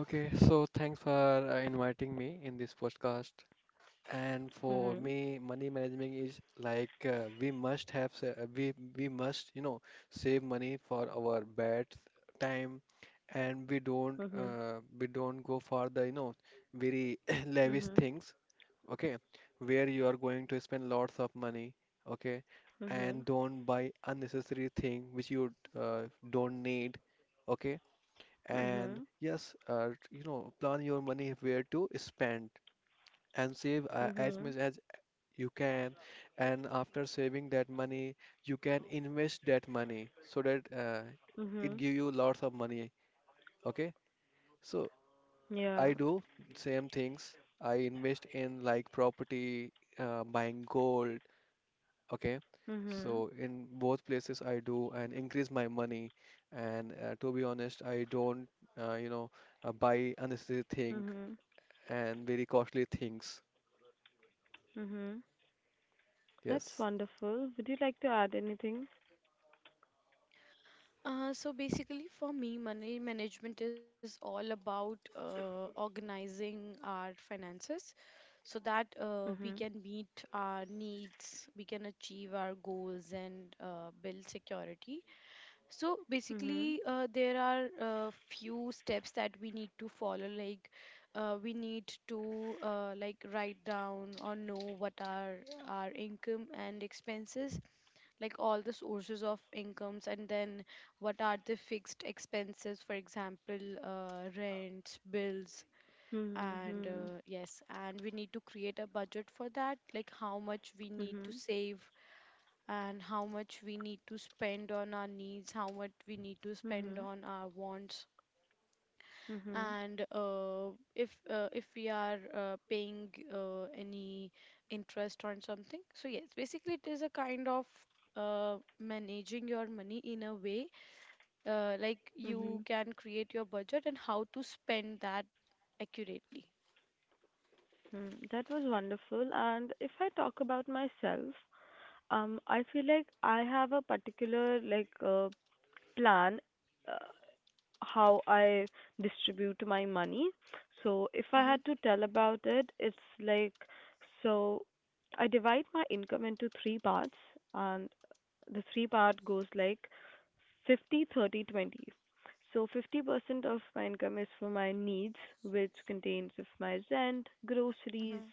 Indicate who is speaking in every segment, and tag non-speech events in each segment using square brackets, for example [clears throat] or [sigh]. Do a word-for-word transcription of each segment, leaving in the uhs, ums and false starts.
Speaker 1: Okay, so thanks for uh, inviting me in this podcast. And for me, money management is like uh, we must have sa- uh, we we must you know save money for our bad time, and we don't uh, we don't go for the you know very [coughs] [clears throat] lavish things. Okay, where you are going to spend lots of money. Okay, and don't buy unnecessary thing which you uh, don't need. Okay and yes, uh, you know, plan your money where to spend and save uh, as much as you can. And after saving that money, you can invest that money so that uh, it give you lots of money. Okay, so I do same things. I invest in like property, uh, buying gold. Okay, so in both places I do and increase my money. And uh, to be honest, I don't, uh, you know uh, buy unnecessary thing and very costly things. Yes.
Speaker 2: Uh, so basically, for me, money management is all about uh, organizing our finances so that uh, we can meet our needs, we can achieve our goals, and uh, build security. So basically, uh, there are uh, few steps that we need to follow. Like, uh, we need to uh, like write down or know what are our income and expenses, like all the sources of incomes, and then what are the fixed expenses, for example, uh, rent, bills, and uh, yes, and we need to create a budget for that, like how much we need to save and how much we need to spend on our needs, how much we need to spend on our wants. And uh, if uh, if we are uh, paying uh, any interest on something, so yes, basically it is a kind of uh, managing your money in a way, uh, like you can create your budget and how to spend that accurately. Mm-hmm, mm-hmm.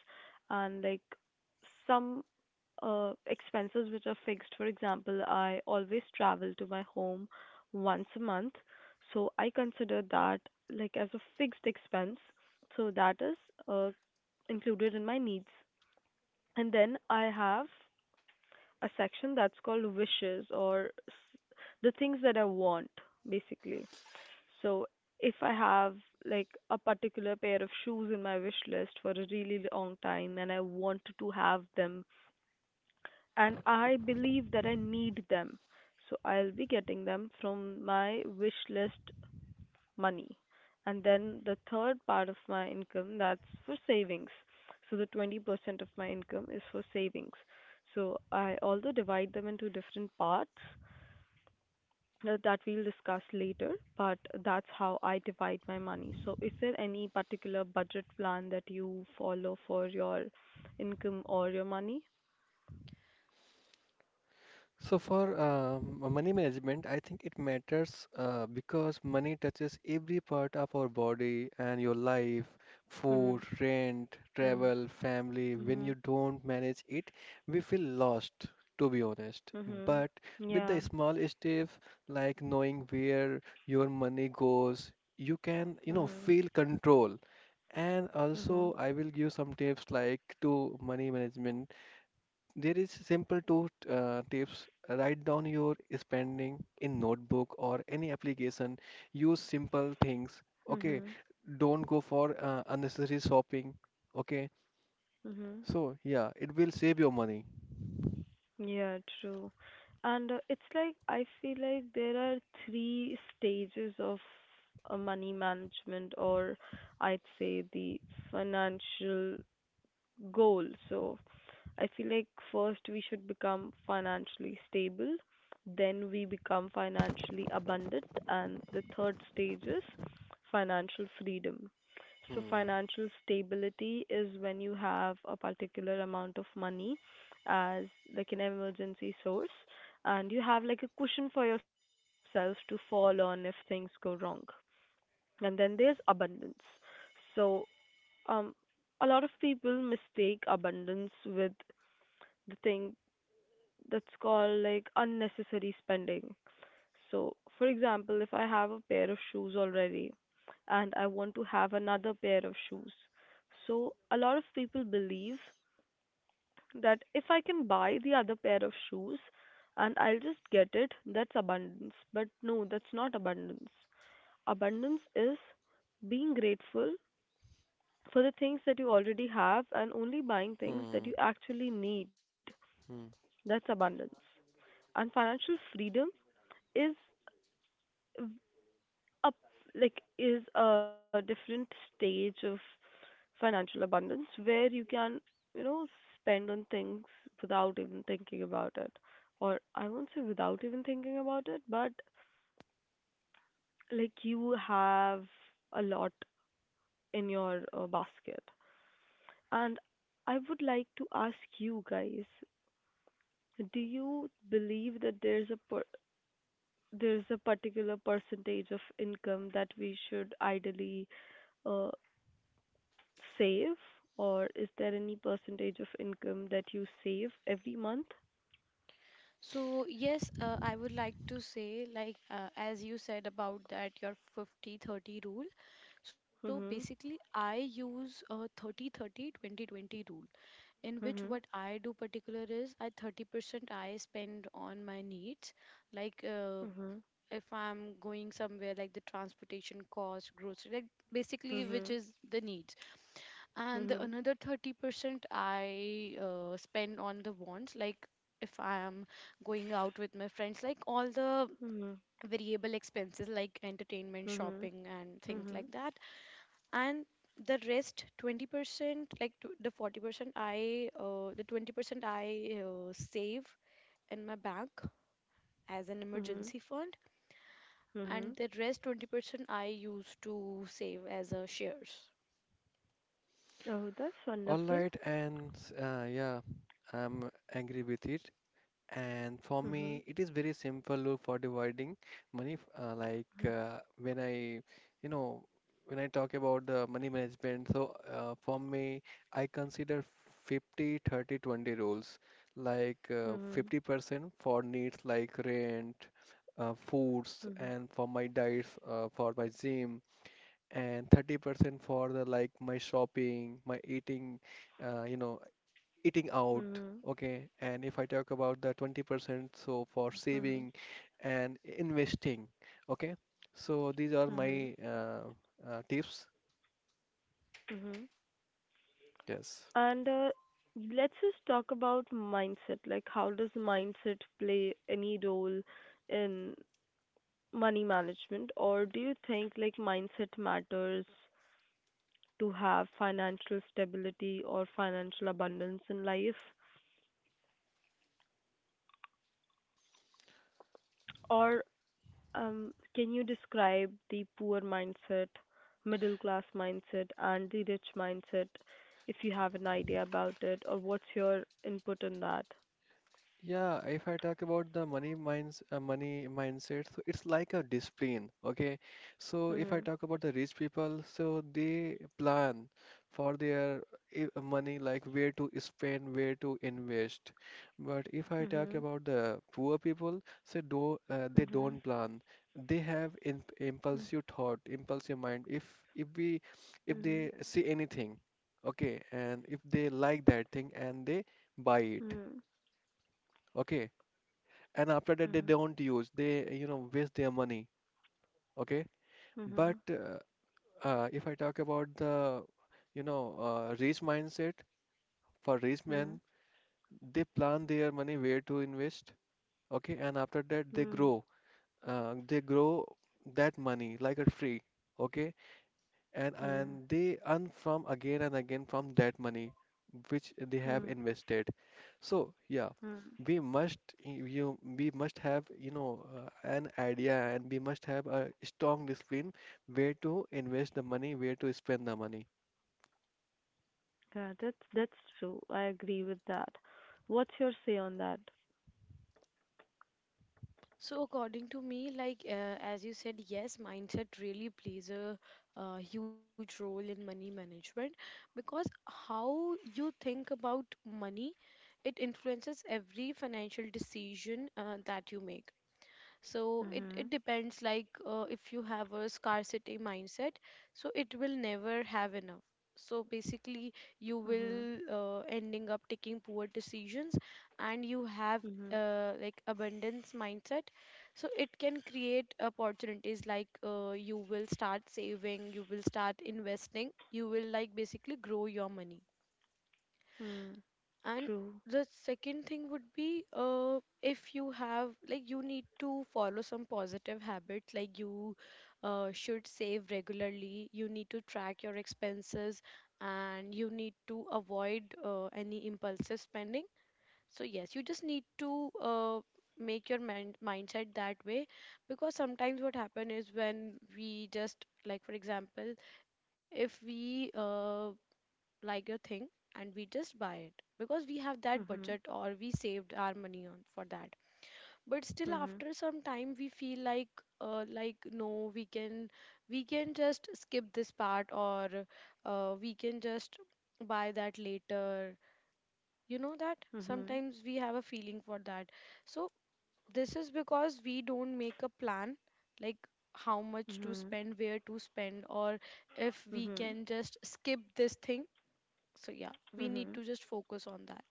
Speaker 1: So for um, money management, I think it matters uh, because money touches every part of our body and your life, food, rent, travel, family. When you don't manage it, we feel lost, to be honest. But with the small steps, like knowing where your money goes, you can, you know, feel control. And also, I will give some tips like to money management. There is simple two uh, tips. Write down your spending in notebook or any application. Use simple things. Okay, don't go for uh, unnecessary shopping. Okay, so yeah, it will save your money. Hmm, hmm, hmm.
Speaker 2: So yes, uh, I would like to say, like, uh, as you said about that your fifty thirty rule. So basically, I use a thirty thirty twenty twenty rule, in which what I do particular is I, thirty percent, I spend on my needs, like, uh, if I'm going somewhere, like the transportation cost, grocery, like basically which is the needs, and the another thirty percent I, uh, spend on the wants, like if I am going out with my friends, like all the variable expenses like entertainment, shopping, and things like that. And the rest twenty percent, like tw- the forty percent I, uh, the twenty percent I, uh, save in my bank as an emergency fund, and the rest twenty percent I use to save as a shares.
Speaker 1: All right, and uh, yeah, I'm angry with it. And for me, it is very simple rule for dividing money. f- Uh, like uh, when I, you know, when I talk about the money management, so uh, for me, I consider fifty, thirty, twenty rules. Like uh, fifty percent for needs like rent, uh, foods, and for my diets, uh, for my gym, and thirty percent for the like my shopping, my eating, uh, you know, eating out. Okay, and if I talk about the twenty percent, so for saving and investing. Okay, so these are my uh, uh, tips. Yes. Yeah, if I talk about the money minds, uh, money mindset, so it's like a discipline. Okay, so if I talk about the rich people, so they plan for their i- money, like where to spend, where to invest. But if I talk about the poor people, so do uh, they don't plan. They have in, impulsive thought, impulsive mind. If if we if they see anything, okay, and if they like that thing and they buy it. Okay, and after that they don't use, they you know waste their money, okay. But uh, uh, if I talk about the you know uh, rich mindset for rich men, they plan their money where to invest, okay, and after that they grow uh, they grow that money like a tree, okay, and and they earn from again and again from that money which they have invested. So yeah, we must you we must have you know uh, an idea, and we must have a strong discipline where to invest the money, where to spend the money.
Speaker 2: So according to me, like, uh, as you said, yes, mindset really plays a, uh huge role in money management, because how you think about money, it influences every financial decision uh, that you make. So it, it depends, like, uh, if you have a scarcity mindset, so it will never have enough, so basically you will uh, ending up taking poor decisions. And you have uh, like abundance mindset, so it can create opportunities, like, uh, you will start saving, you will start investing, you will like basically grow your money. And the second thing would be, uh, if you have like, you need to follow some positive habits, like you uh, should save regularly, you need to track your expenses, and you need to avoid uh, any impulsive spending. So yes, you just need to uh, make your mind mindset that way, because sometimes what happen is, when we just like, for example, if we uh, like a thing and we just buy it because we have that budget or we saved our money on for that, but still after some time we feel like, uh, like no, we can we can just skip this part, or uh, we can just buy that later, you know that sometimes we have a feeling for that. So this is because we don't make a plan, like how much to spend, where to spend, or if we can just skip this thing. So yeah, we need to just focus on that.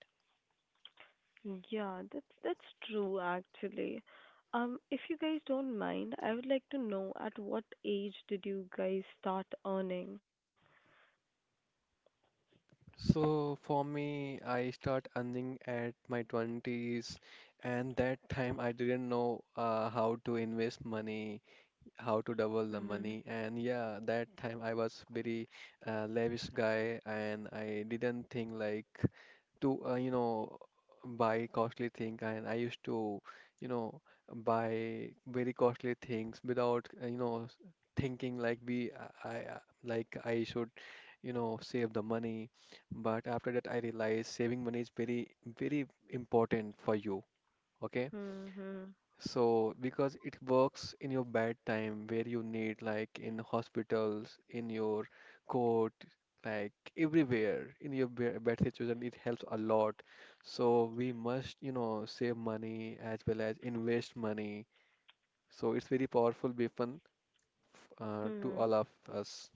Speaker 1: So for me, I start earning at my twenties, and that time I didn't know uh, how to invest money, how to double the money. And yeah, that time I was very uh, lavish guy, and I didn't think like to uh, you know buy costly thing, and I used to you know buy very costly things without uh, you know s- thinking, like we i I, uh, like I should you know save the money. But after that I realized saving money is very very important for you, okay, so, because it works in your bad time where you need, like in hospitals, in your court, like everywhere, in your ba- bad situation, it helps a lot. So, we must, you know, save money as well as invest money. So, it's very powerful weapon f- uh, to all of us.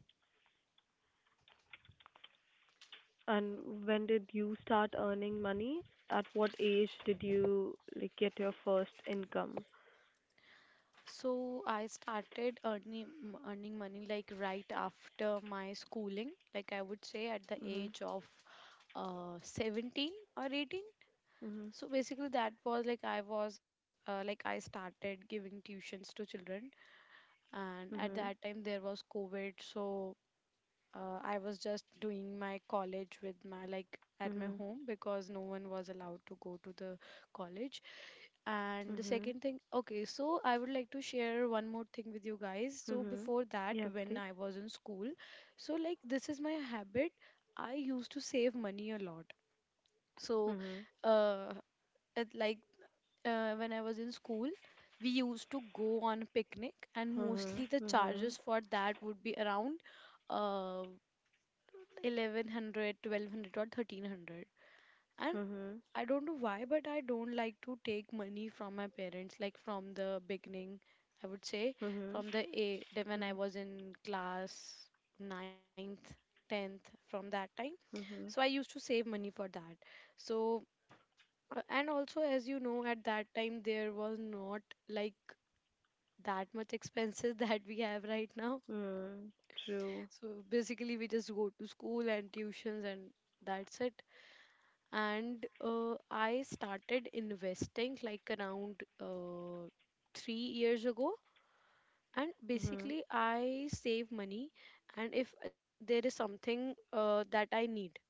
Speaker 2: So I started earning m- earning money like right after my schooling, like I would say at the age of uh seventeen or eighteen. So basically that was like I was, uh, like I started giving tuitions to children, and at that time there was COVID, so uh, I was just doing my college with my, like, at my home, because no one was allowed to go to the college. And the second thing, okay, so I would like to share one more thing with you guys. So before that, when I was in school, so like, this is my habit. I used to save money a lot. So, uh, it, like uh, when I was in school, we used to go on a picnic, and mostly the charges for that would be around uh eleven hundred, twelve hundred, or thirteen hundred, and I don't know why, but I don't like to take money from my parents. Like from the beginning, I would say, from the, a, then when I was in class ninth, tenth, from that time, so I used to save money for that. So, uh, and also, as you know, at that time there was not like that much expenses [laughs] that we have right now. So basically we just go to school and tuitions, and that's it. And uh, I started investing like around uh, three years ago. And basically, I save money, and if there is something uh, that I need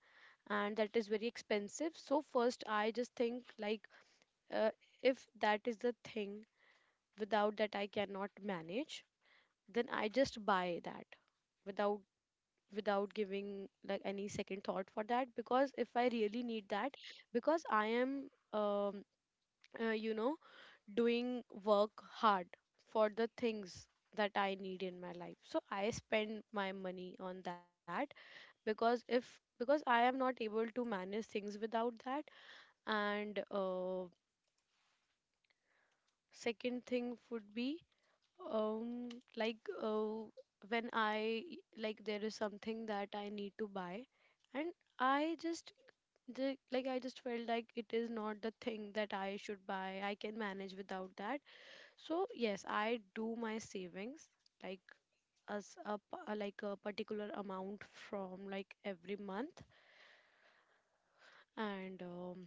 Speaker 2: and that is very expensive, so first I just think, like, uh, if that is the thing without that I cannot manage, then I just buy that without without giving like any second thought for that, because if I really need that, because I am um, uh, you know doing work hard for the things that I need in my life, so I spend my money on that, because if because I am not able to manage things without that. And uh, second thing would be, um like, uh, when I, like, there is something that I need to buy and I just, the- like I just felt like it is not the thing that I should buy, I can manage without that. So yes, I do my savings like as a p- uh, like a particular amount from like every month, and um,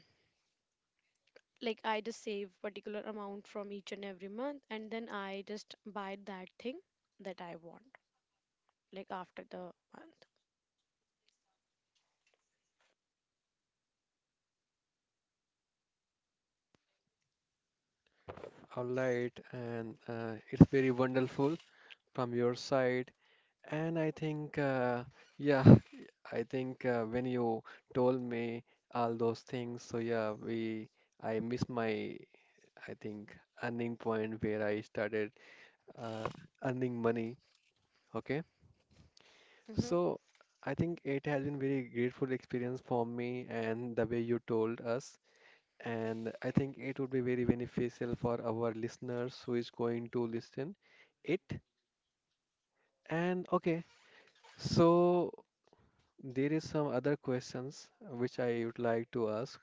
Speaker 2: like, I just save particular amount from each and every month, and then I just buy that thing that I want, like after the month.
Speaker 1: All right, and uh, it's very wonderful from your side. And I think, uh, yeah, [laughs] I think uh, when you told me all those things, so yeah, we, I missed my, I think, earning point where I started uh, earning money. Okay.
Speaker 2: Mm-hmm.
Speaker 1: So I think it has been very grateful experience for me and the way you told us. And I think it would be very beneficial for our listeners who is going to listen it. And okay, so. There is some other questions which I would like to ask.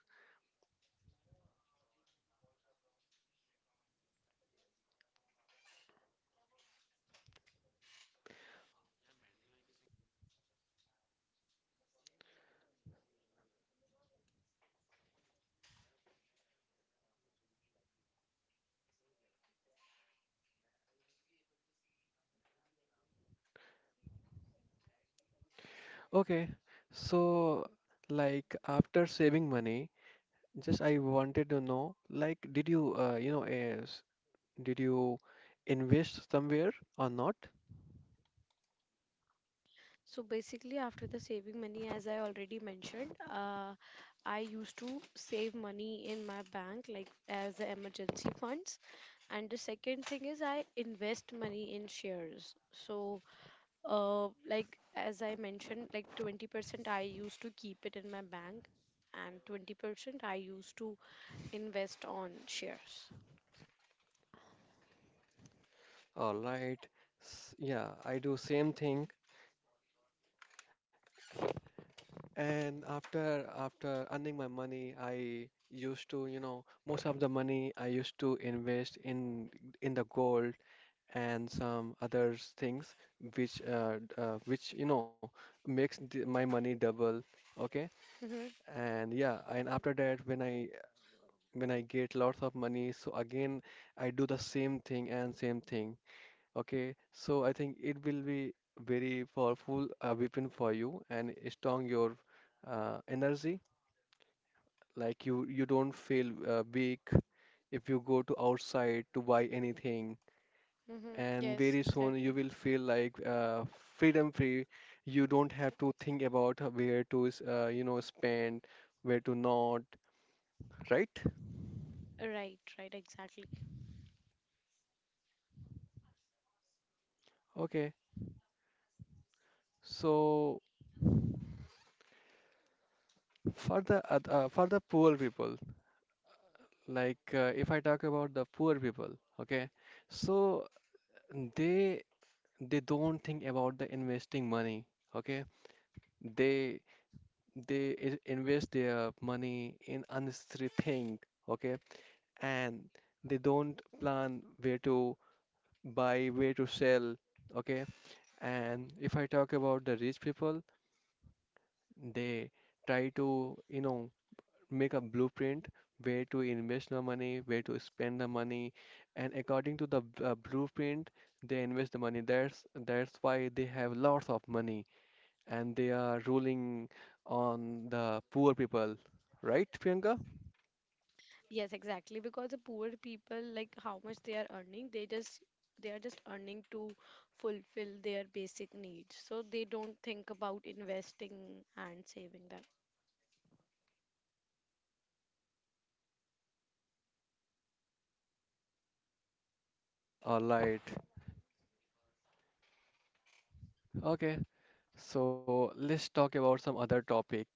Speaker 1: Okay, so like after saving money, just I wanted to know, like, did you, uh, you know, uh, s- did you invest somewhere or not?
Speaker 2: So basically, after the saving money, as I already mentioned, uh, I used to save money in my bank, like as the emergency funds. And the second thing is, I invest money in shares. So, uh, like as I mentioned, like, twenty percent I used to keep it in my bank, and twenty percent I used to invest on shares.
Speaker 1: All right. S Yeah, I do same thing. And after after earning my money, I used to, you know, most of the money I used to invest in in the gold and some other things which uh, d- uh, which you know makes the, my money double, okay.
Speaker 2: Mm-hmm,
Speaker 1: And yeah, and after that when I when I get lots of money, so again I do the same thing and same thing, okay. So I think it will be very powerful uh, weapon for you and strong your uh, energy, like you you don't feel uh, weak if you go to outside to buy anything,
Speaker 2: mm-hmm.
Speaker 1: and
Speaker 2: Yes,
Speaker 1: very soon you
Speaker 2: exactly.
Speaker 1: will feel like uh, freedom free. You don't have to think about where to s- uh, you know spend, where to not, right?
Speaker 2: Right, right, exactly.
Speaker 1: Okay, so for the oth- uh, for the poor people, like uh, if I talk about the poor people, okay, so they they don't think about the investing money, okay? They they i- invest their money in unnecessary thing, okay? And they don't plan where to buy, where to sell. Okay. And if I talk about the rich people, they try to, you know, make a blueprint where to invest the money, where to spend the money, and according to the uh, blueprint, they invest the money. That's that's why they have lots of money, and they are ruling on the poor people, right, Priyanka?
Speaker 2: Yes, exactly. Because the poor people, like how much they are earning, they just they are just earning to fulfill their basic needs. So they don't think about investing and saving them.
Speaker 1: All right. Okay. So let's talk about some other topic.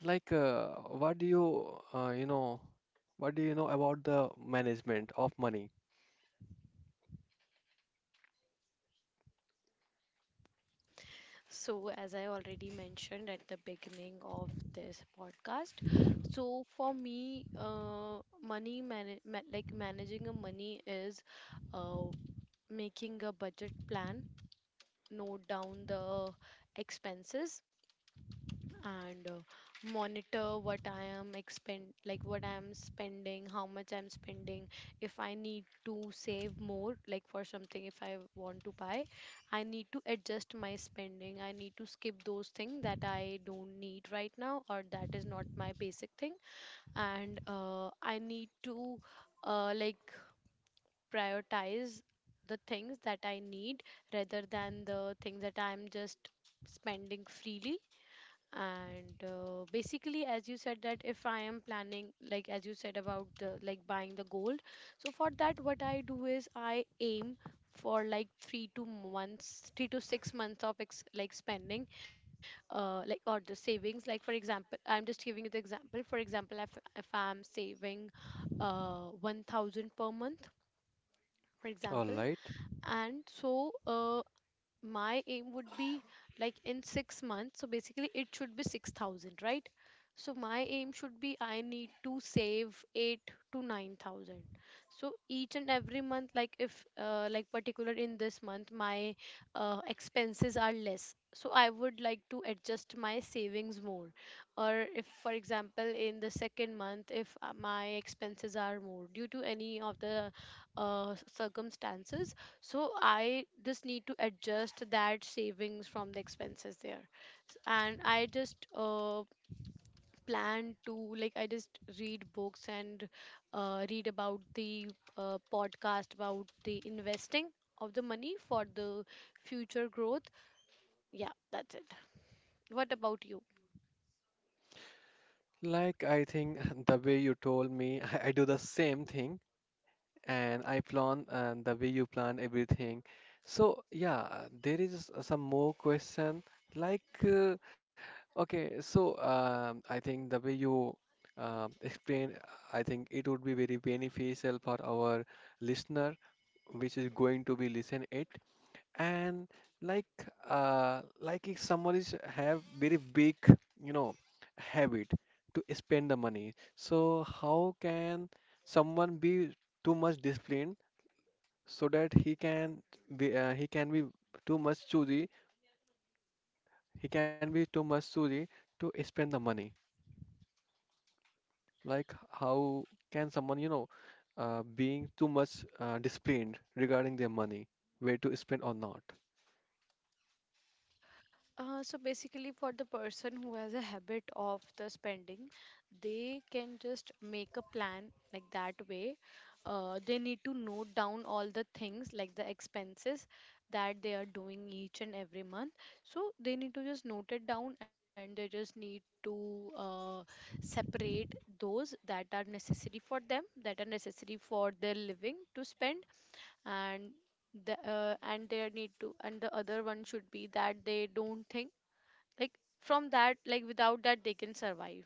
Speaker 1: Like, uh, what do you, uh, you know, what do you know about the management of money?
Speaker 2: So as I already mentioned at the beginning of this podcast, so for me, uh, money man ma- like managing a money is uh, making a budget plan, note down the expenses, and uh, monitor what I am expend like what I am spending, how much I'm spending. If I need to save more, like for something, if I want to buy, I need to adjust my spending. I need to skip those things that I don't need right now, or that is not my basic thing. And uh, I need to uh, like prioritize the things that I need, rather than the things that I'm just spending freely. And uh, basically, as you said, that if I am planning, like as you said about the, like buying the gold, so for that what I do is I aim for like three to months three to six months of ex- like spending, uh like, or the savings. Like, for example, I'm just giving you the example, for example, if, if I'm saving uh one thousand per month, for
Speaker 1: All
Speaker 2: example,
Speaker 1: right.
Speaker 2: and so uh, my aim would be like in six months, so basically it should be six thousand, right? So my aim should be, I need to save eight to nine thousand. So each and every month, like if, uh, like particular in this month my uh, expenses are less, so I would like to adjust my savings more. Or if, for example, in the second month, if uh, my expenses are more due to any of the uh, circumstances, so I just need to adjust that savings from the expenses there. S- and I just uh, plan to, like, I just read books and uh, read about the uh, podcast about the investing of the money for the future growth. Yeah, that's it. What about you?
Speaker 1: Like, I think [laughs] the way you told me, [laughs] I, I do the same thing, and I plan and the way you plan everything. So yeah, there is some more question like uh, okay, so um, I think the way you uh, explain, I think it would be very beneficial for our listener, which is going to be listen it. And like uh, like if someone is have very big, you know, habit to spend the money, so how can someone be too much disciplined? So that he can be uh, he can be too much choosy, he can be too much choosy to spend the money. Like how can someone you know uh, being too much uh, disciplined regarding their money, where to spend or not?
Speaker 2: Uh, so basically, for the person who has a habit of the spending, they can just make a plan, like that way. Uh, they need to note down all the things like the expenses that they are doing each and every month. So they need to just note it down, and they just need to uh, separate those that are necessary for them, that are necessary for their living to spend, and the uh, and they need to and the other one should be that they don't think like from that, like without that they can survive.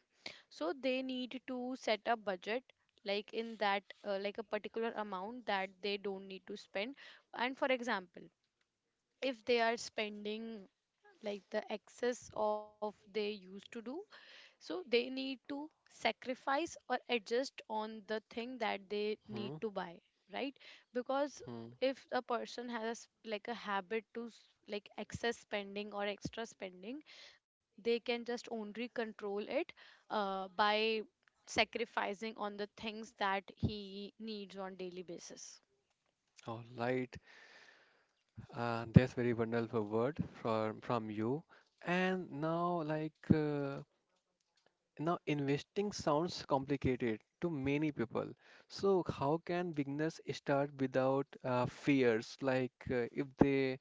Speaker 2: So they need to set a budget, like in that uh, like a particular amount that they don't need to spend. And for example, if they are spending like the excess of they used to do, so they need to sacrifice or adjust on the thing that they need
Speaker 1: Hmm,
Speaker 2: to buy, right? Because
Speaker 1: hmm.
Speaker 2: if a person has like a habit to s- like excess spending or extra spending, they can just only control it uh, by sacrificing on the things that he needs on daily basis.
Speaker 1: All right, uh, that's very wonderful word from from you. And now like uh, Now, investing sounds complicated to many people. So, how can beginners start without uh, fears? Like, uh, if they,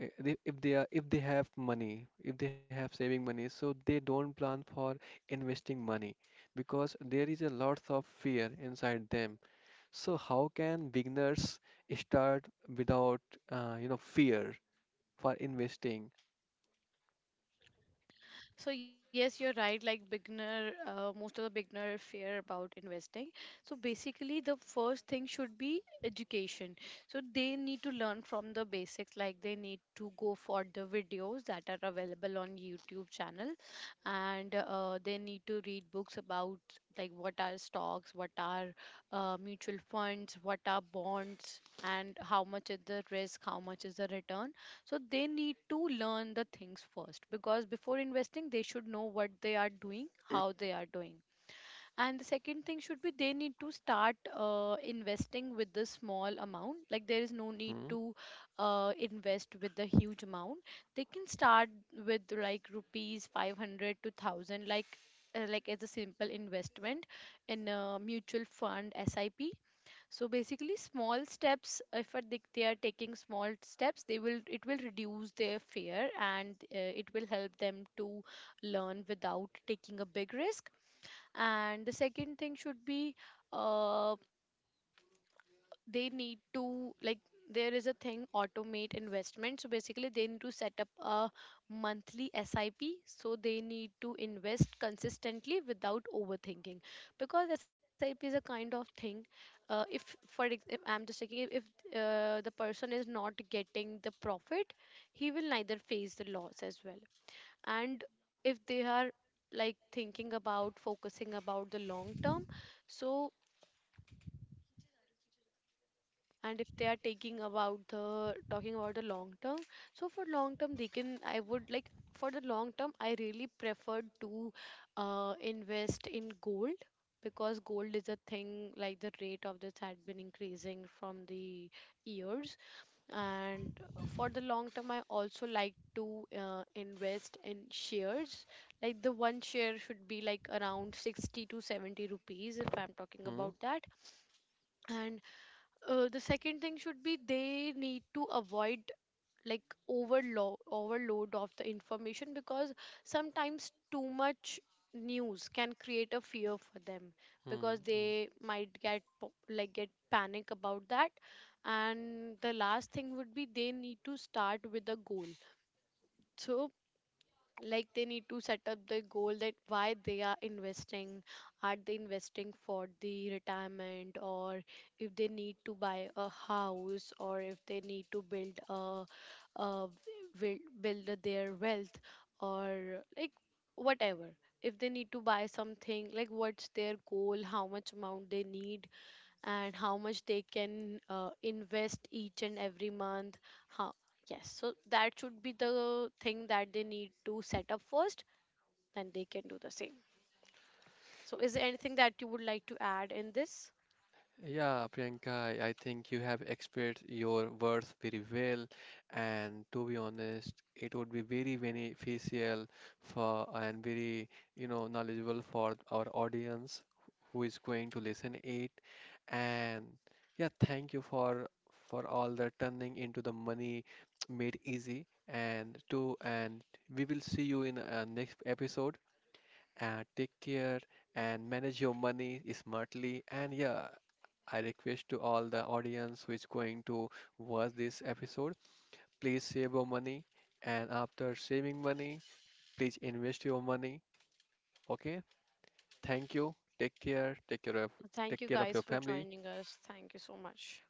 Speaker 1: uh, they, if they are, if they have money, if they have saving money, so they don't plan for investing money because there is a lot of fear inside them. So, how can beginners start without, uh, you know, fear for investing?
Speaker 2: So yes, you're right. Like beginner, uh, most of the beginner fear about investing. So basically, the first thing should be education. So they need to learn from the basics. Like they need to go for the videos that are available on YouTube channel, and uh, they need to read books about like what are stocks, what are uh, mutual funds, what are bonds, and how much is the risk, how much is the return. So they need to learn the things first, because before investing, they should know what they are doing, how they are doing. And the second thing should be they need to start uh, investing with the small amount. Like there is no need
Speaker 1: Hmm,
Speaker 2: to uh, invest with the huge amount. They can start with like rupees five hundred to one thousand, like uh, like as a simple investment in a mutual fund S I P. So basically small steps, if uh, they they are taking small steps, they will, it will reduce their fear, and uh, it will help them to learn without taking a big risk. And the second thing should be uh, they need to, like, there is a thing, automate investment. So basically they need to set up a monthly SIP, so they need to invest consistently without overthinking, because SIP is a kind of thing, uh, if for ex- if I'm just taking it, if uh, the person is not getting the profit, he will neither face the loss as well. And if they are like thinking about focusing about the long term, so and if they are taking about the talking about the long term, so for long term they can, I would like, for the long term I really prefer to uh, invest in gold, because gold is a thing like the rate of this had been increasing from the years. And for the long term I also like to uh, invest in shares, like the one share should be like around sixty to seventy rupees if I'm talking
Speaker 1: hmm,
Speaker 2: about that. And uh, the second thing should be they need to avoid like overload overload of the information, because sometimes too much news can create a fear for them,
Speaker 1: hmm.
Speaker 2: because
Speaker 1: Hmm.
Speaker 2: they might get po- like get panic about that. And the last thing would be they need to start with a goal. So like they need to set up the goal that why they are investing, are they investing for the retirement, or if they need to buy a house, or if they need to build a, a build, build their wealth, or like whatever, if they need to buy something, like what's their goal, how much amount they need, and how much they can uh, invest each and every month, how. Yes, so that should be the thing that they need to set up first, then they can do the same. So is there anything that you would like to add in this?
Speaker 1: Yeah, Priyanka, I I think you have expressed your worth very well, and to be honest, it would be very beneficial for and very, you know, knowledgeable for our audience who is going to listen it. And yeah, thank you for for all the turning into the money made easy. And to and we will see you in a next episode, uh, take care and manage your money smartly. And yeah, I request to all the audience who is going to watch this episode, please save your money. And after saving money, please invest your money. Okay? Thank you. Take care. Take care of take
Speaker 2: Thank
Speaker 1: care
Speaker 2: you
Speaker 1: of your
Speaker 2: guys for
Speaker 1: family.
Speaker 2: joining us. Thank you so much.